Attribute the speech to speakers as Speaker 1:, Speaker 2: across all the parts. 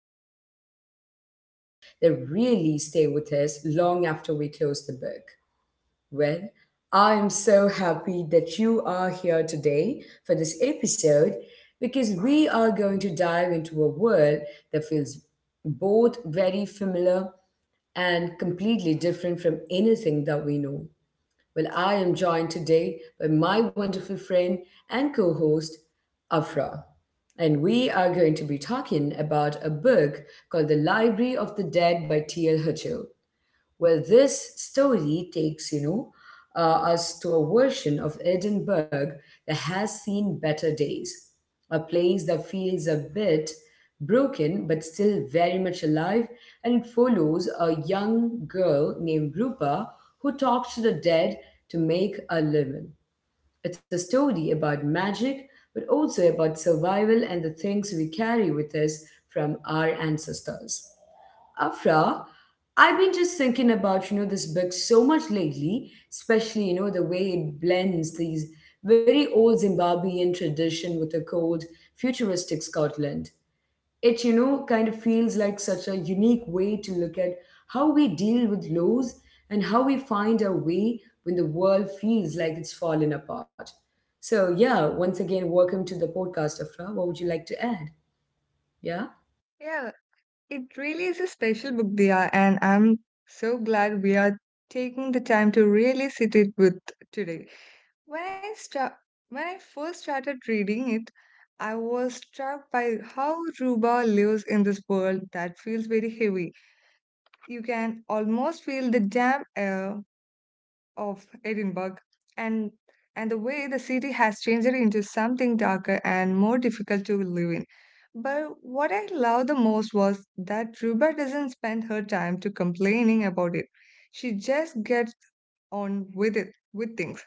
Speaker 1: and talk about stories that really stay with us long after we close the book. Well, I am so happy that you are here today for this episode because we are going to dive into a world that feels both very familiar and completely different from anything that we know. Well, I am joined today by my wonderful friend and co host, Afra. And we are going to be talking about a book called The Library of the Dead by T.L. Hutto. Well, this story takes, us to a version of Edinburgh that has seen better days, a place that feels a bit broken but still very much alive, and it follows a young girl named Rupa who talks to the dead to make a living. It's a story about magic, but also about survival and the things we carry with us from our ancestors. Afra, I've been just thinking about, you know, this book so much lately, especially, you know, the way it blends these very old Zimbabwean tradition with a cold, futuristic Scotland. It, you know, kind of feels like such a unique way to look at how we deal with loss and how we find our way when the world feels like it's fallen apart. So, yeah, once again, welcome to the podcast, Afra. What would you like to add? Yeah?
Speaker 2: Yeah, it really is a special book, Dia, and I'm so glad we are taking the time to really sit it with today. When I start, when I first started reading it, I was struck by how Ruba lives in this world that feels very heavy. You can almost feel the damp air of Edinburgh and the way the city has changed into something darker and more difficult to live in. But what I loved the most was that Ruba doesn't spend her time to complaining about it. She just gets on with it with things.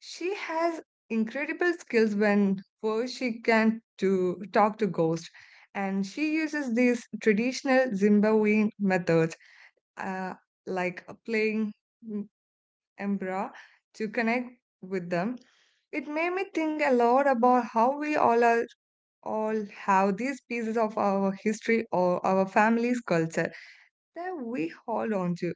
Speaker 2: She has incredible skills when first she can to talk to ghosts, and she uses these traditional Zimbabwean methods, uh, like playing Embra to connect with them. It made me think a lot about how we all are all have these pieces of our history or our family's culture that we hold on to,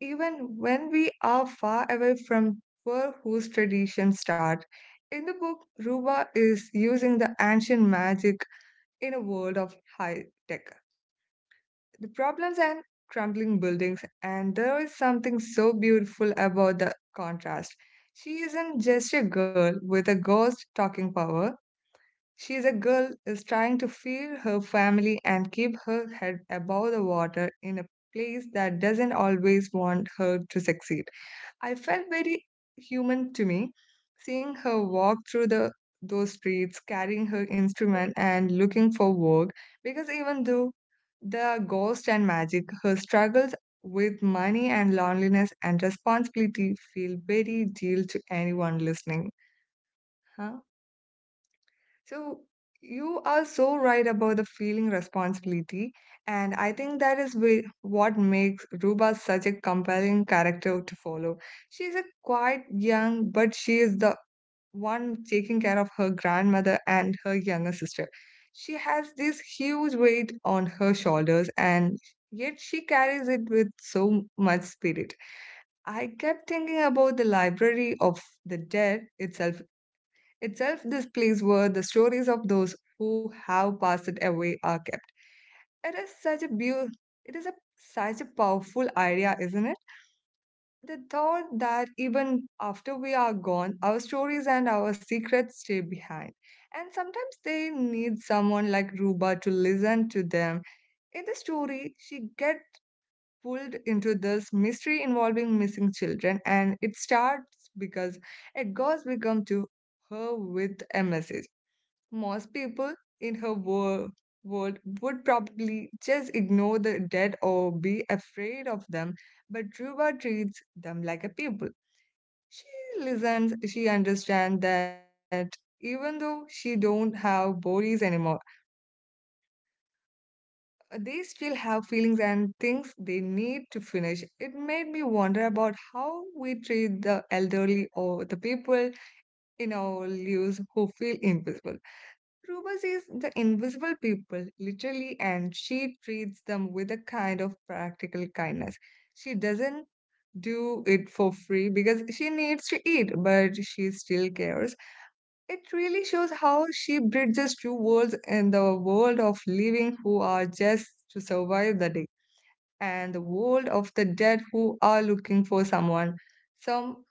Speaker 2: even when we are far away from where whose traditions start. In the book, Ruba is using the ancient magic in a world of high tech, the problems and crumbling buildings, and there is something so beautiful about the contrast. She isn't just a girl with a ghost talking power. She is a girl is trying to feed her family and keep her head above the water in a place that doesn't always want her to succeed. I felt very human to me, seeing her walk through the those streets, carrying her instrument and looking for work, because even though there are ghosts and magic, her struggles with money and loneliness and responsibility feel very real to anyone listening. Huh? So you are so right about the feeling responsibility, and I think that is what makes Ruba such a compelling character to follow. She is a quite young, but she is the one taking care of her grandmother and her younger sister. She has this huge weight on her shoulders, and yet she carries it with so much spirit. I kept thinking about the Library of the Dead itself, this place where the stories of those who have passed away are kept. It is it is a such a powerful idea, isn't it? The thought that even after we are gone, our stories and our secrets stay behind. And sometimes they need someone like Ruba to listen to them. In the story, she gets pulled into this mystery involving missing children, and it starts because Edgar's become to her with a message. Most people in her world would probably just ignore the dead or be afraid of them, but Dhruva treats them like a people. She listens, she understands that even though she don't have bodies anymore, they still have feelings and things they need to finish. It made me wonder about how we treat the elderly or the people in our lives who feel invisible. Ruba sees the invisible people literally, and she treats them with a kind of practical kindness. She doesn't do it for free because she needs to eat, but she still cares. It really shows how she bridges two worlds, in the world of living who are just to survive the day and the world of the dead who are looking for someone, some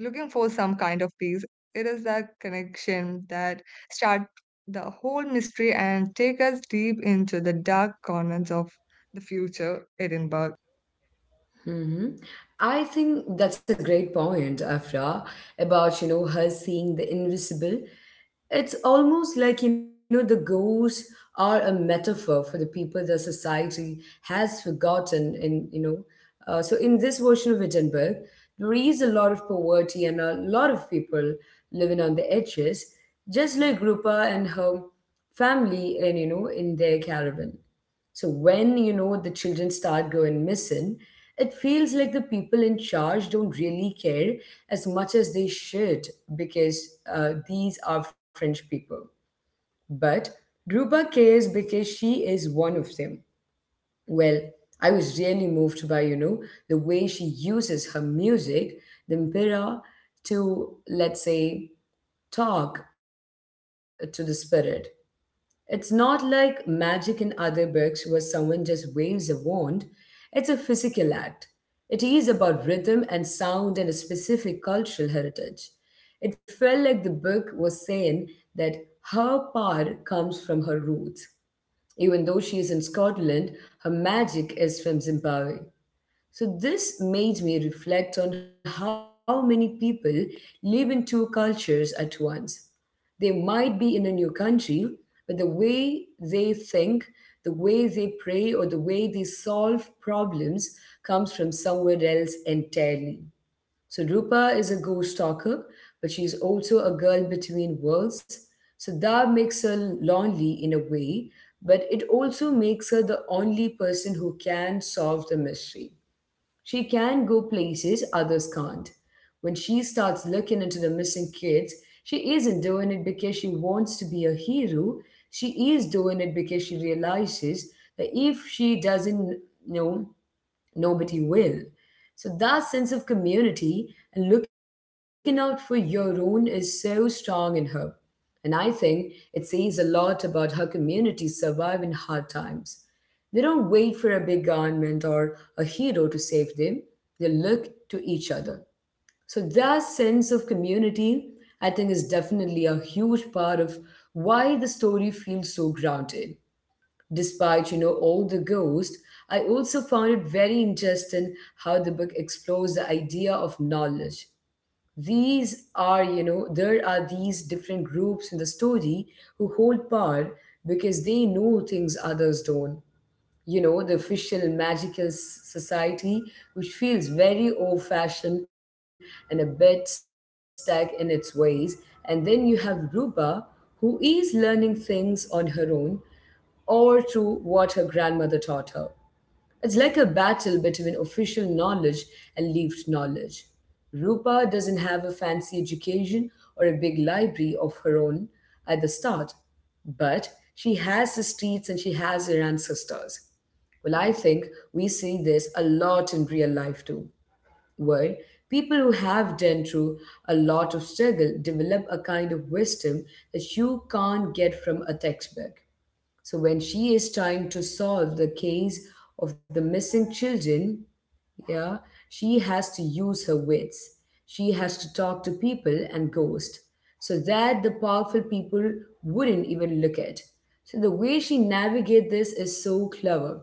Speaker 2: looking for some kind of peace. It is that connection that start the whole mystery and take us deep into the dark corners of the future Edinburgh.
Speaker 1: Hmm. I think that's a great point, Afra, about, you know, her seeing the invisible. It's almost like, you know, the ghosts are a metaphor for the people the society has forgotten. So in this version of Wittenberg, there is a lot of poverty and a lot of people living on the edges, just like Rupa and her family, and, you know, in their caravan. So when, you know, the children start going missing, it feels like the people in charge don't really care as much as they should because, these are French people. But Ruba cares because she is one of them. Well, I was really moved by, you know, the way she uses her music, the mpira, to, let's say, talk to the spirit. It's not like magic in other books where someone just waves a wand. It's a physical act. It is about rhythm and sound and a specific cultural heritage. It felt like the book was saying that her power comes from her roots. Even though she is in Scotland, her magic is from Zimbabwe. So this made me reflect on how many people live in two cultures at once. They might be in a new country, but the way they think, the way they pray, or the way they solve problems comes from somewhere else entirely. So Rupa is a ghost stalker, but she's also a girl between worlds. So that makes her lonely in a way, but it also makes her the only person who can solve the mystery. She can go places others can't. When she starts looking into the missing kids, she isn't doing it because she wants to be a hero. She is doing it because she realizes that if she doesn't, you know, nobody will. So that sense of community and looking out for your own is so strong in her. And I think it says a lot about how communities survive in hard times. They don't wait for a big government or a hero to save them, they look to each other. So that sense of community, I think, is definitely a huge part of why the story feels so grounded. Despite, you know, all the ghosts, I also found it very interesting how the book explores the idea of knowledge. These are, you know, there are these different groups in the story who hold power because they know things others don't. You know, the official magical s- society, which feels very old fashioned and a bit stuck in its ways. And then you have Ruba, who is learning things on her own or to what her grandmother taught her. It's like a battle between official knowledge and lived knowledge. Rupa doesn't have a fancy education or a big library of her own at the start, but she has the streets and she has her ancestors. Well, I think we see this a lot in real life too, where people who have done through a lot of struggle develop a kind of wisdom that you can't get from a textbook. So when she is trying to solve the case of the missing children, yeah, she has to use her wits. She has to talk to people and ghosts so that the powerful people wouldn't even look at. So the way she navigates this is so clever.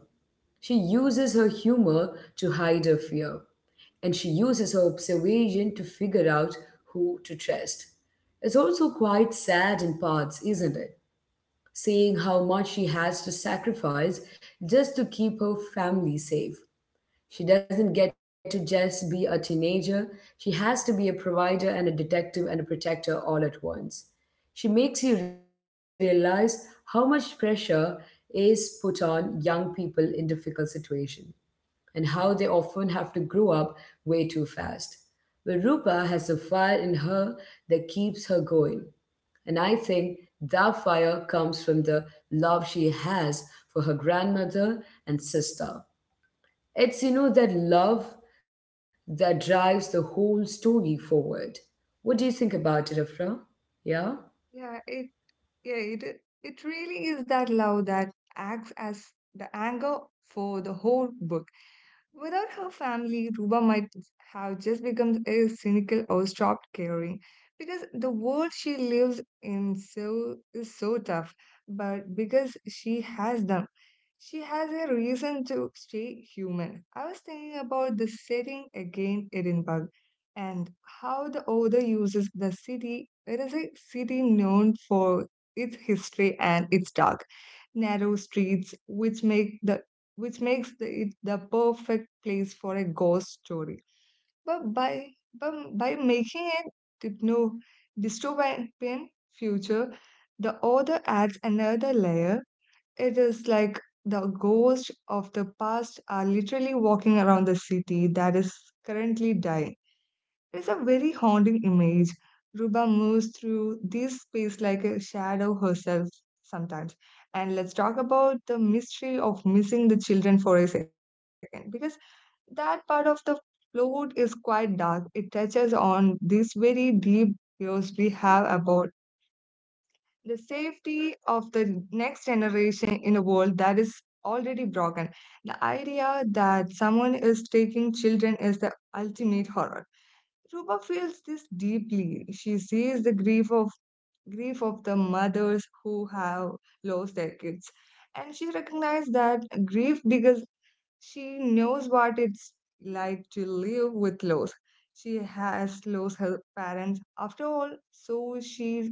Speaker 1: She uses her humor to hide her fear, and she uses her observation to figure out who to trust. It's also quite sad in parts, isn't it? Seeing how much she has to sacrifice just to keep her family safe. She doesn't get to just be a teenager, she has to be a provider and a detective and a protector all at once. She makes you realize how much pressure is put on young people in difficult situations and how they often have to grow up way too fast. But Rupa has a fire in her that keeps her going. And I think that fire comes from the love she has for her grandmother and sister. It's, you know, that love that drives the whole story forward. What do you think about it, Afra? Yeah?
Speaker 2: Yeah, it yeah, it it really is that love that acts as the anchor for the whole book. Without her family, Ruba might have just become a cynical, or stopped caring, because the world she lives in so is so tough. But because she has them, she has a reason to stay human. I was thinking about the setting again, Edinburgh, and how the author uses the city. It is a city known for its history and its dark, narrow streets, which make the which makes it the perfect place for a ghost story. But by making it hypno dystopian future, the author adds another layer. It is like the ghosts of the past are literally walking around the city that is currently dying. It's a very haunting image. Ruba moves through this space like a shadow herself sometimes. And let's talk about the mystery of missing the children for a second, because that part of the plot is quite dark. It touches on these very deep fears we have about the safety of the next generation in a world that is already broken. The idea that someone is taking children is the ultimate horror. Rupa feels this deeply. She sees the grief of the mothers who have lost their kids, and she recognizes that grief because she knows what it's like to live with loss. She has lost her parents after all, so she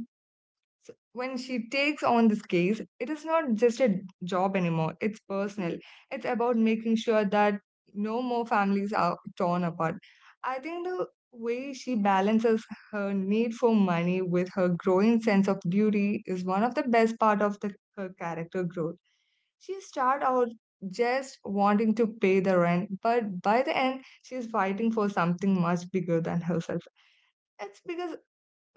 Speaker 2: so when she takes on this case, it is not just a job anymore, it's personal. It's about making sure that no more families are torn apart. I think the way she balances her need for money with her growing sense of duty is one of the best part of her character growth. She start out just wanting to pay the rent, but by the end, she's fighting for something much bigger than herself. It's because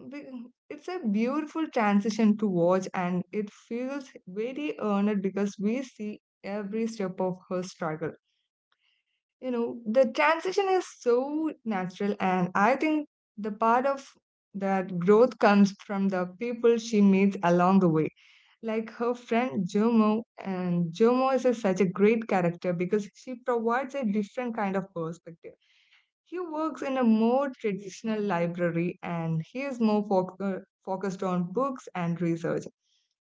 Speaker 2: it's a beautiful transition to watch, and it feels very earned because we see every step of her struggle. You know, the transition is so natural, and I think the part of that growth comes from the people she meets along the way, like her friend Jomo. And Jomo is such a great character because she provides a different kind of perspective. He works in a more traditional library, and he is more focused on books and research.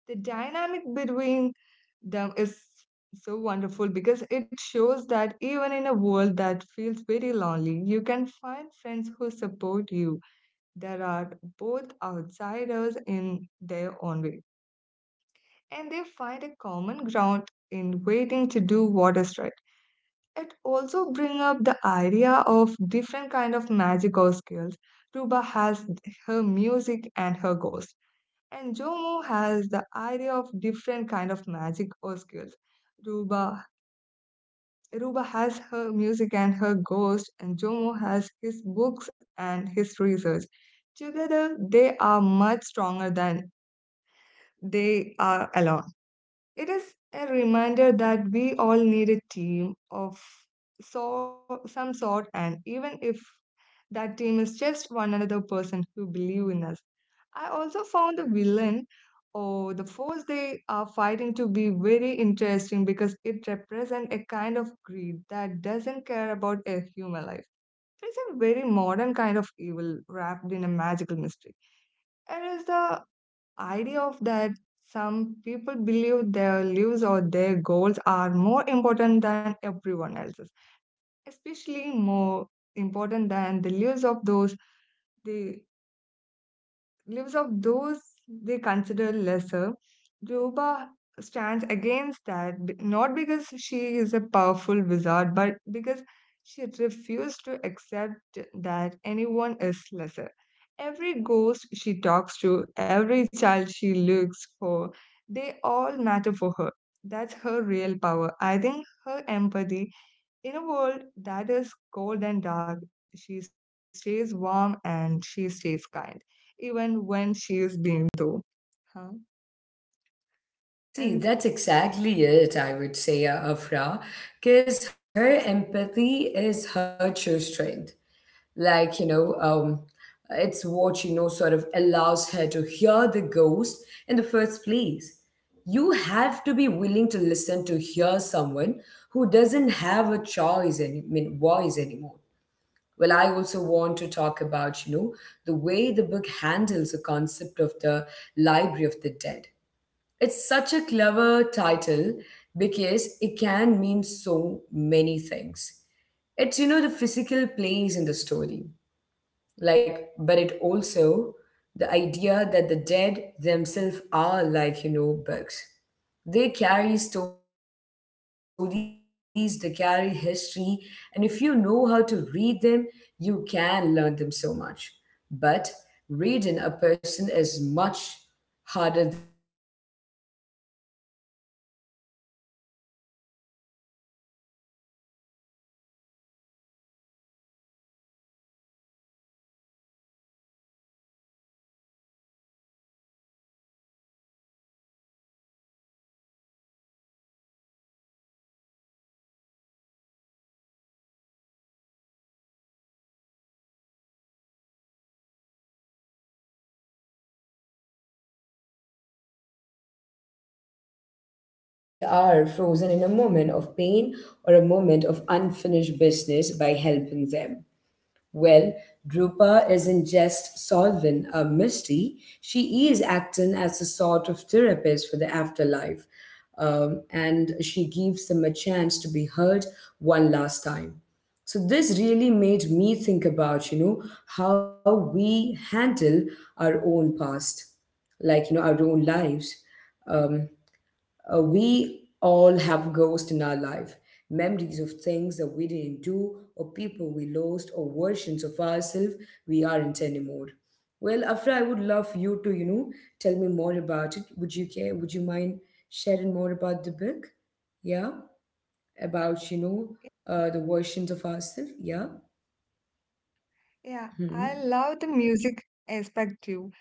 Speaker 2: The dynamic between them is so wonderful because it shows that even in a world that feels very lonely, you can find friends who support you. There are both outsiders in their own way, and they find a common ground in waiting to do what is right. It also bring up the idea of different kind of magical skills. Tuba has her music and her ghost, and Jomo has the idea of different kind of magic or skills. Ruba ruba has her music and her ghost, and Jomo has his books and his research. Together they are much stronger than they are alone. It is a reminder that we all need a team of some sort, and even if that team is just one another person who believe in us. I also found the villain or the force they are fighting to be very interesting because it represents a kind of greed that doesn't care about a human life. It's a very modern kind of evil wrapped in a magical mystery. It is the idea of that some people believe their lives or their goals are more important than everyone else's, especially more important than the lives of those they lives of those they consider lesser. Juba stands against that, not because she is a powerful wizard, but because she refused to accept that anyone is lesser. Every ghost she talks to, every child she looks for, they all matter for her. That's her real power. I think her empathy, in a world that is cold and dark, she stays warm and she stays kind, even when she is being though. Huh?
Speaker 1: Hmm.
Speaker 2: And
Speaker 1: See, that's exactly it, I would say, Afra, because her empathy is her true strength. Like, you know, it's what, you know, sort of allows her to hear the ghost in the first place. You have to be willing to listen to hear someone who doesn't have a choice, and I mean voice anymore. Well, I also want to talk about, you know, the way the book handles the concept of the library of the dead. It's such a clever title because it can mean so many things. It's, you know, the physical place in the story, like, but it also the idea that the dead themselves are like, you know, books. They carry stories, they carry history, and if you know how to read them, you can learn them so much. But reading a person is much harder than reading a book. So Juba has to navigate their emotion, you know, their regret and their anger. And I think the author does a great job of showing that ghosts aren't just scary monsters, they are just people who are stuck. So they are frozen in their moments, and uh, they are, you know, uh, yeah, they are frozen in a moment of pain or a moment of unfinished business by helping them. Well, Drupa isn't just solving a mystery, she is acting as a sort of therapist for the afterlife. And she gives them a chance to be heard one last time. So this really made me think about, you know, how we handle our own past, like, you know, our own lives. Um, we all have ghosts in our life, memories of things that we didn't do, or people we lost, or versions of ourselves we aren't anymore. Well, Afra, I would love you to, you know, tell me more about it. Would you care? Would you mind sharing more about the book? Yeah, about, you know, the versions of ourselves. Yeah.
Speaker 2: yeah, I
Speaker 1: Mm-hmm.
Speaker 2: love the music aspect too.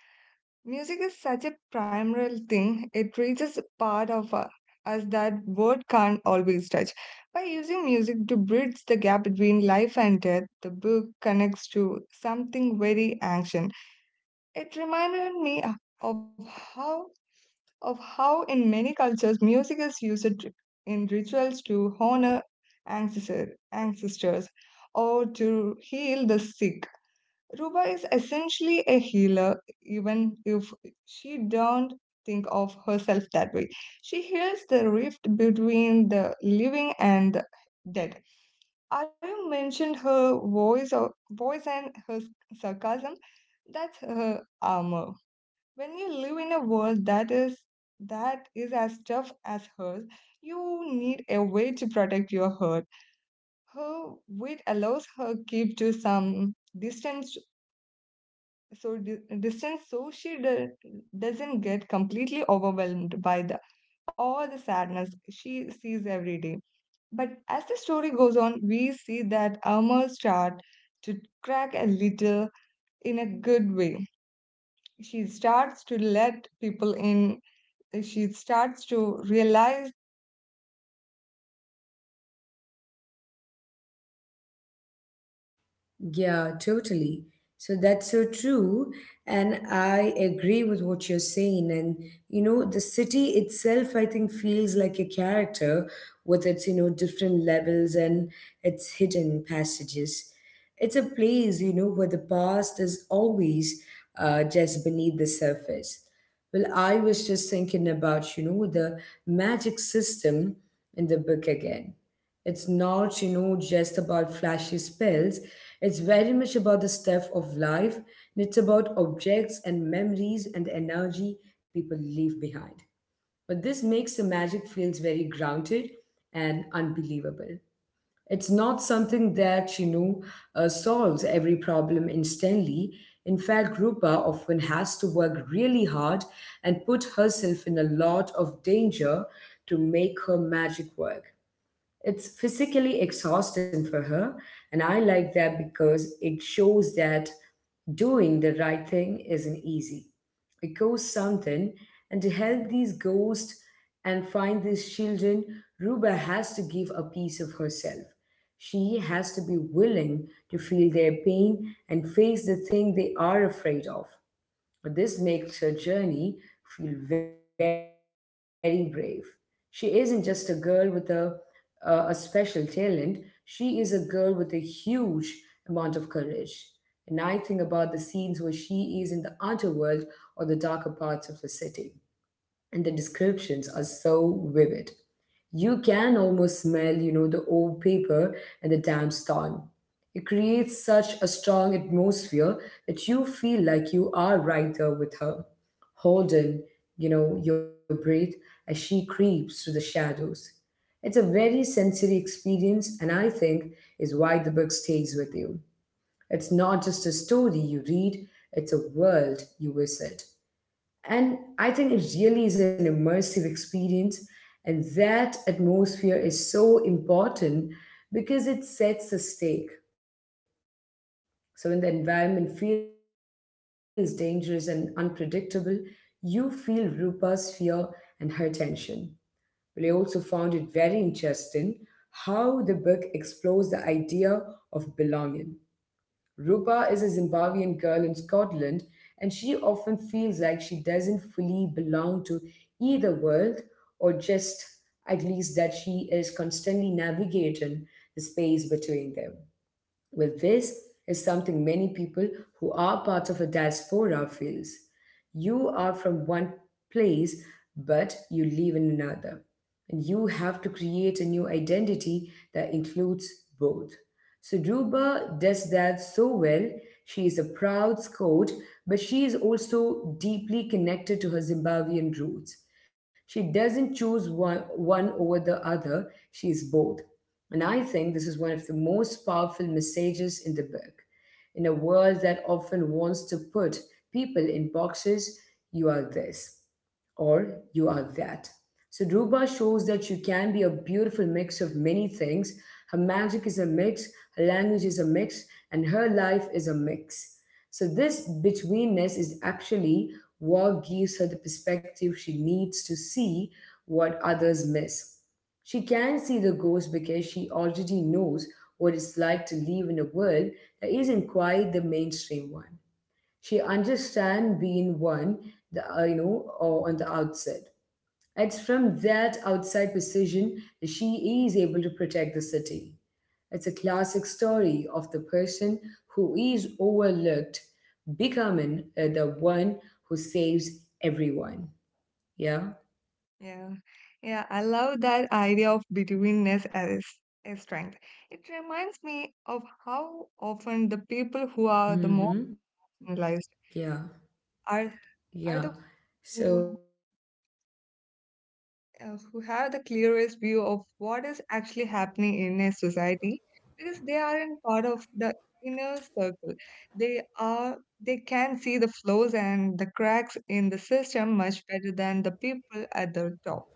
Speaker 2: Music is such a primal thing, it reaches a part of us that word can't always touch. By using music to bridge the gap between life and death, the book connects to something very ancient. It reminded me of how of how, in many cultures, music is used in rituals to honor ancestors or to heal the sick. Ruba is essentially a healer, even if she don't think of herself that way. She heals the rift between the living and the dead. Arya mentioned her voice and her sarcasm. That's her armor when you live in a world that is as tough as hers. You need a way to protect your heart. Her wit allows her keep to some distance, so distance, so doesn't get completely overwhelmed by the all the sadness she sees every day. But as the story goes on, we see that armor start to crack a little, in a good way. She starts to let people in, she starts to realize.
Speaker 1: Yeah, totally. So that's so true. And I agree with what you're saying. And, you know, the city itself, I think, feels like a character with its, you know, different levels and its hidden passages. It's a place, you know, where the past is always just beneath the surface. Well, I was just thinking about, you know, the magic system in the book again. It's not, you know, just about flashy spells. It's very much about the stuff of life, and it's about objects and memories and the energy people leave behind. But this makes the magic feels very grounded and unbelievable. It's not something that, you know, solves every problem instantly. In fact, Rupa often has to work really hard and put herself in a lot of danger to make her magic work. It's physically exhausting for her, and I like that because it shows that doing the right thing isn't easy. It costs something, and to help these ghosts and find these children, Ruba has to give a piece of herself. She has to be willing to feel their pain and face the thing they are afraid of. This makes her journey feel very brave. She isn't just a girl with a special talent, she is a girl with a huge amount of courage. And I think about the scenes where she is in the underworld or the darker parts of the city, and the descriptions are so vivid. You can almost smell, you know, the old paper and the damp stone. It creates such a strong atmosphere that you feel like you are right there with her, holding, you know, your breath as she creeps through the shadows. It's a very sensory experience, and I think is why the book stays with you. It's not just a story you read, it's a world you visit. And I think it really is an immersive experience. And that atmosphere is so important because it sets the stake. So when the environment feels dangerous and unpredictable, you feel Rupa's fear and her tension. But I also found it very interesting how the book explores the idea of belonging. Rupa is a Zimbabwean girl in Scotland, and she often feels like she doesn't fully belong to either world, or just at least that she is constantly navigating the space between them. Well, this is something many people who are part of a diaspora feels. You are from one place, but you live in another. And you have to create a new identity that includes both. So Ruba does that so well. She is a proud Scout, but she is also deeply connected to her Zimbabwean roots. She doesn't choose one over the other, she is both. And I think this is one of the most powerful messages in the book. In a world that often wants to put people in boxes, you are this or you are that. So Ruba shows that you can be a beautiful mix of many things. Her magic is a mix, her language is a mix, and her life is a mix. So this betweenness is actually what gives her the perspective she needs to see what others miss. She can see the ghost because she already knows what it's like to live in a world that isn't quite the mainstream one. She understands being one, or on the outside. It's from that outside position that she is able to protect the city. It's a classic story of the person who is overlooked becoming the one who saves everyone. Yeah.
Speaker 2: Yeah, yeah, I love that idea of betweenness as a strength. It reminds me of how often the people who are the most
Speaker 1: Mm-hmm. Yeah.
Speaker 2: analyzed are
Speaker 1: Yeah.
Speaker 2: are the
Speaker 1: So
Speaker 2: who
Speaker 1: uh, that's there.
Speaker 2: who
Speaker 1: Mm-hmm.
Speaker 2: have the clearest view of what is actually happening in a society, because they aren't part of the inner circle. They are they can see the flaws and the cracks in the system much better than the people at the top.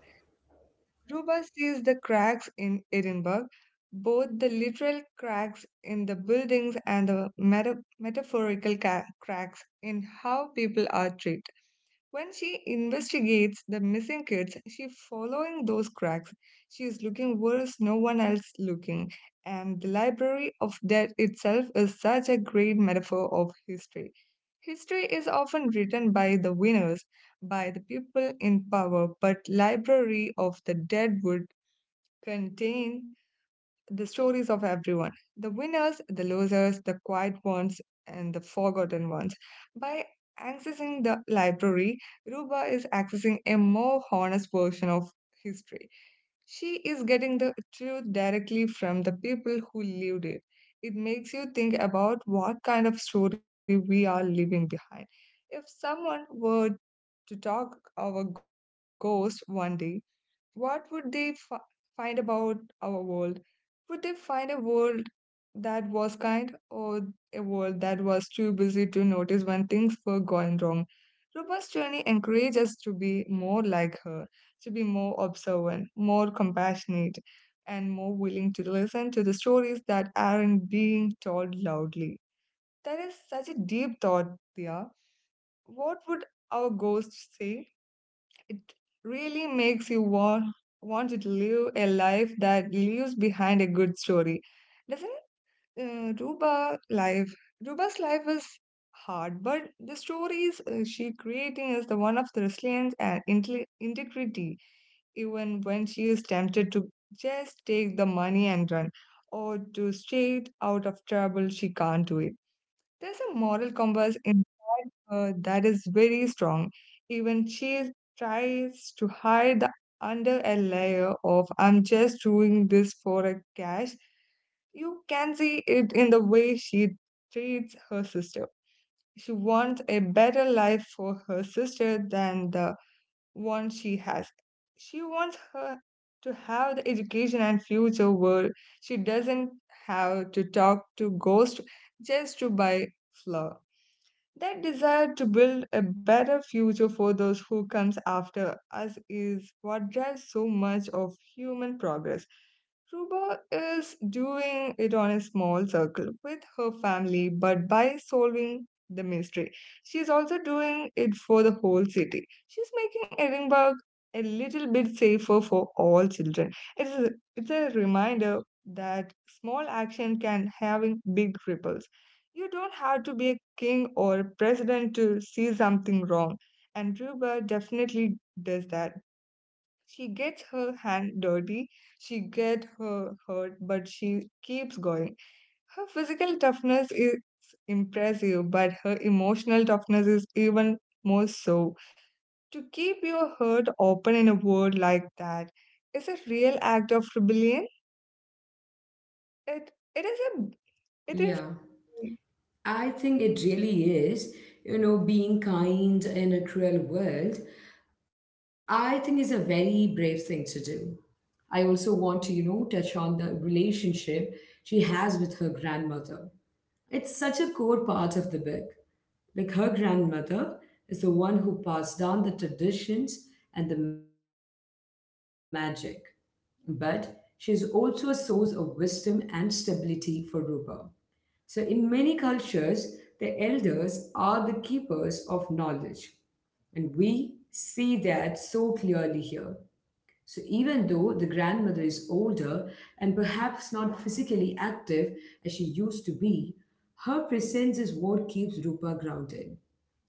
Speaker 2: Ruba sees the cracks in Edinburgh, both the literal cracks in the buildings and the metaphorical cracks in how people are treated. When she investigates the missing kids, she's following those cracks. She is looking where no one else looking, and the Library of Death itself is such a great metaphor of history. History is often written by the winners, by the people in power, but Library of the Dead would contain the stories of everyone: the winners, the losers, the quiet ones, and the forgotten ones. By accessing the library, Ruba is accessing a more honest version of history. She is getting the truth directly from the people who lived it. It makes you think about what kind of story we are leaving behind. If someone were to talk our ghost one day, what would they find about our world? Would they find a world that was kind, or a world that was too busy to notice when things were going wrong? Ruba's journey encourages us to be more like her, to be more observant, more compassionate, and more willing to listen to the stories that aren't being told loudly. That is such a deep thought, Dia. What would our ghosts say? It really makes you want to live a life that leaves behind a good story, doesn't it? Uh, Ruba life. Ruba's life is hard, but the stories, she creating is the one of the resilience and integrity. Even when she is tempted to just take the money and run, or to stay out of trouble, she can't do it. There's a moral compass in her that is very strong. Even she tries to hide under a layer of I'm just doing this for a cash. You can see it in the way she treats her sister. She wants a better life for her sister than the one she has. She wants her to have the education and future where she doesn't have to talk to ghosts just to buy flour. That desire to build a better future for those who comes after us is what drives so much of human progress. Ruba is doing it on a small circle with her family, but by solving the mystery, she is also doing it for the whole city. She's making Edinburgh a little bit safer for all children. It is a, it's a reminder that small action can have big ripples. You don't have to be a king or a president to see something wrong, and Ruba definitely does that. She gets her hand dirty, she gets her hurt, but she keeps going. Her physical toughness is impressive, but her emotional toughness is even more so. To keep your heart open in a world like that is a real act of rebellion. It is a it is
Speaker 1: Yeah, I think it really is. You know, being kind in a cruel world, I think is a very brave thing to do. I also want to, you know, touch on the relationship she has with her grandmother. It's such a core part of the book. Like, her grandmother is the one who passed down the traditions and the magic. But she is also a source of wisdom and stability for Rupa. So, in many cultures, the elders are the keepers of knowledge, and we see that so clearly here. So, even though the grandmother is older and perhaps not physically active as she used to be, her presence is what keeps Rupa grounded.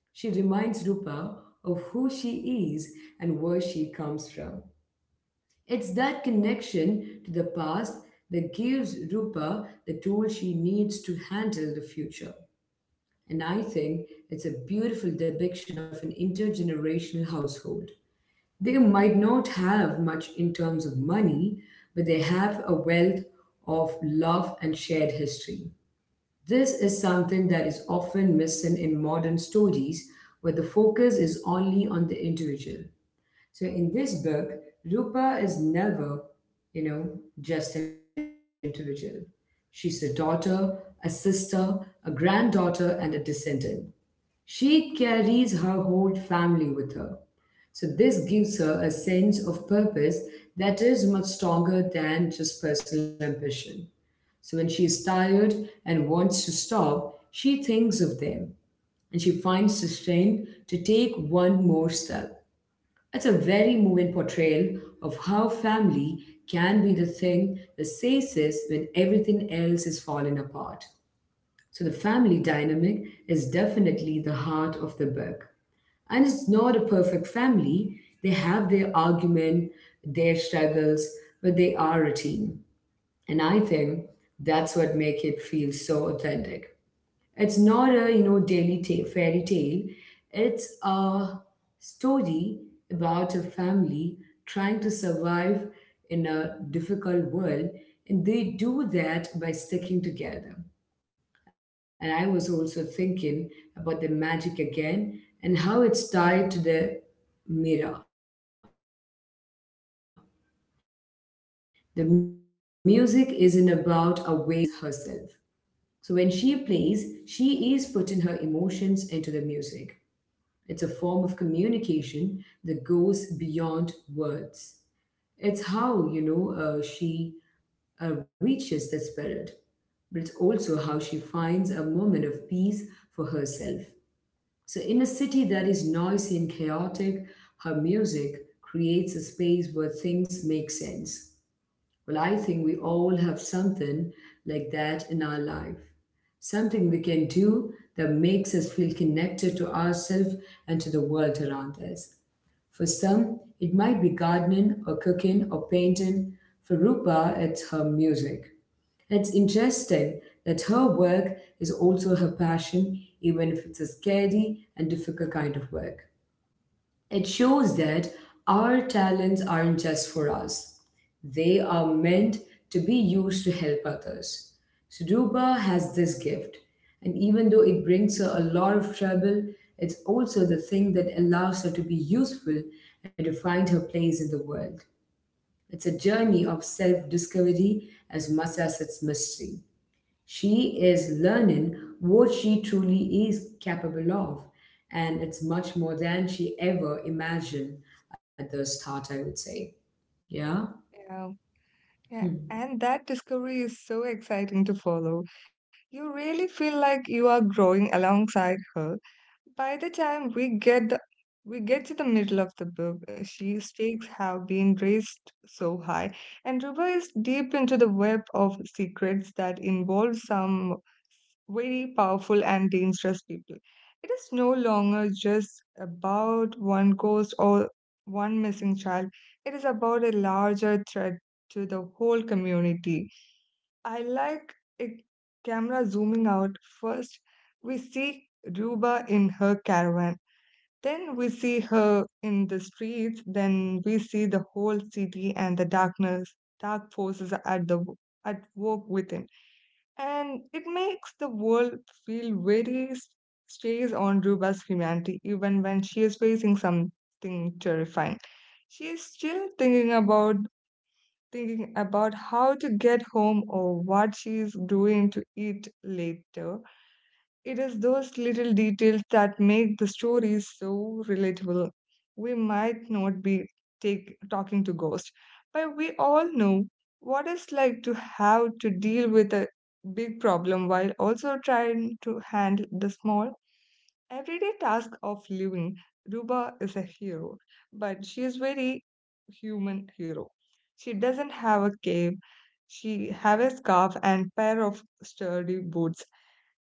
Speaker 1: She reminds Rupa of who she is and where she comes from. It's that connection to the past that gives Rupa the tool she needs to handle the future. And I think it's a beautiful depiction of an intergenerational household. They might not have much in terms of money, but they have a wealth of love and shared history. This is something that is often missing in modern stories where the focus is only on the individual. So in this book, Rupa is never, you know, just an individual. She's a daughter, a sister, a granddaughter, and a descendant. She carries her whole family with her. So this gives her a sense of purpose that is much stronger than just personal ambition. So when she is tired and wants to stop, she thinks of them and she finds the strength to take one more step. It's a very moving portrayal of how family can be the thing that saves us when everything else is falling apart. So, the family dynamic is definitely the heart of the book. And it's not a perfect family. They have their argument, their struggles, but they are a team. And I think that's what makes it feel so authentic. It's not a, you know, fairy tale. It's a story about a family trying to survive in a difficult world, and they do that by sticking together. And I was also thinking about the magic again and how it's tied to the mirror. The music isn't about a way to call the ghost. It's a way for Rupa to express herself. So when she plays, she is putting her emotions into the music. It's a form of communication that goes beyond words. It's how, you know, she reaches the spirit, but it's also how she finds a moment of peace for herself. So in a city that is noisy and chaotic, her music creates a space where things make sense. Well, I think we all have something like that in our life. Something we can do that makes us feel connected to ourselves and to the world around us. For some, it might be gardening or cooking or painting. For Rupa, it's her music. It's interesting that her work is also her passion, even if it's a scary and difficult kind of work. It shows that our talents aren't just for us, they are meant to be used to help others. Suduba has this gift, and even though it brings her a lot of trouble, it's also the thing that allows her to be useful and to find her place in the world. It's a journey of self discovery as much as its mystery. She is learning what she truly is capable of, and it's much more than she ever imagined at the start, I would say. Yeah.
Speaker 2: Yeah,
Speaker 1: Hmm.
Speaker 2: yeah, and that discovery is so exciting to follow. You really feel like you are growing alongside her. By the time we get the we get to the middle of the book, she's stakes have been raised so high, and Ruba is deep into the web of secrets that involve some very powerful and dangerous people. It is no longer just about one ghost or one missing child. It is about a larger threat to the whole community. I like a camera zooming out. First, we see Ruba in her caravan, then we see her in the streets, then we see the whole city and dark forces at the at work within. And it makes the world feel very stays on Ruba's humanity even when she is facing something terrifying. She is still thinking about how to get home or what she is doing to eat later. It is those little details that make the stories so relatable. We might not be talking to ghosts, but we all know what it's like to have to deal with a big problem while also trying to handle the small everyday task of living. Ruba is a hero, but she is very human hero. She doesn't have a cape. She have a scarf and pair of sturdy boots,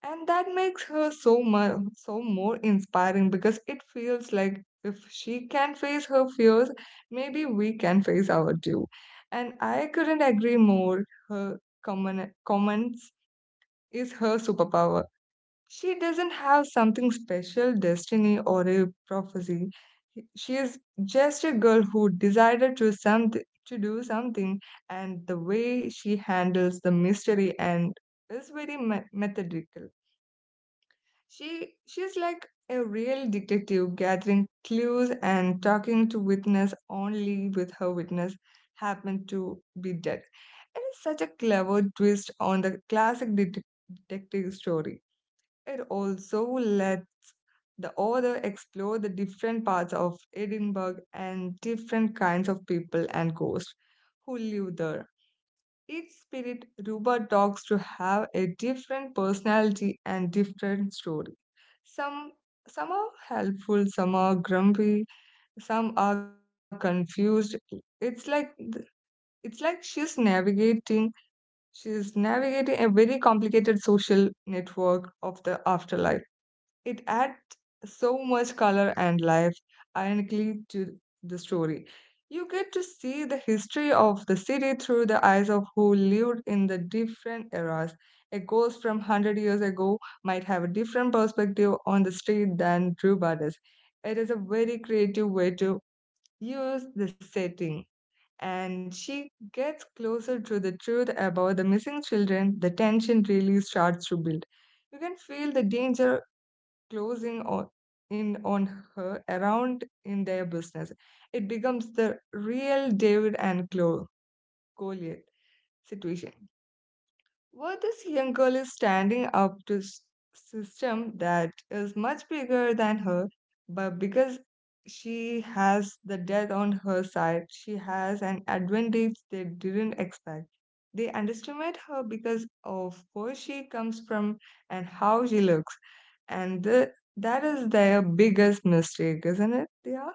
Speaker 2: and that makes her so much more inspiring because it feels like if she can face her fears, maybe we can face our too. And I couldn't agree more. Her comments is her superpower. She doesn't have something special destiny or a prophecy. She is just a girl who decided to something to do something. And the way she handles the mystery and is very methodical. She she's like a real detective gathering clues and talking to witness, only with her witness happened to be dead. It is such a clever twist on the classic detective story. It also lets the author explore the different parts of Edinburgh and different kinds of people and ghosts who live there. Each spirit robot talks to have a different personality and different story. Some some are helpful, some are grumpy, some are confused. It's like th- it's like she's navigating a very complicated social network of the afterlife. It adds so much color and life, ironically, to the story. You get to see the history of the city through the eyes of who lived in the different eras. A ghost from 100 years ago might have a different perspective on the street than Drew does. It is a very creative way to use the setting. And she gets closer to the truth about the missing children, the tension really starts to build. You can feel the danger close in on, in on her around in their business. It becomes the real David and Goliath situation. Where this young girl is standing up to system that is much bigger than her, but because she has the death on her side, she has an advantage they didn't expect. They underestimate her because of where she comes from and how she looks, and that is their biggest mistake, isn't it? Yeah.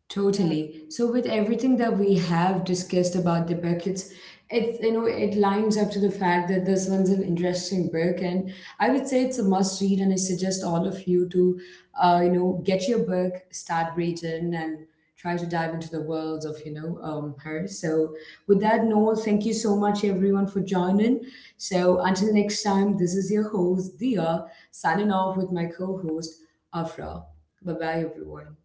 Speaker 1: Totally. So with everything that we have discussed about the book, it's you know it lines up to the fact that this one's an interesting book, and I would say it's a must read, and I suggest all of you to you know get your book, start reading, and try to dive into the worlds of you know her. So with that Noel, thank you so much everyone for joining. So until next time, this is your host Dia signing off with my co-host Afra. Bye bye everyone.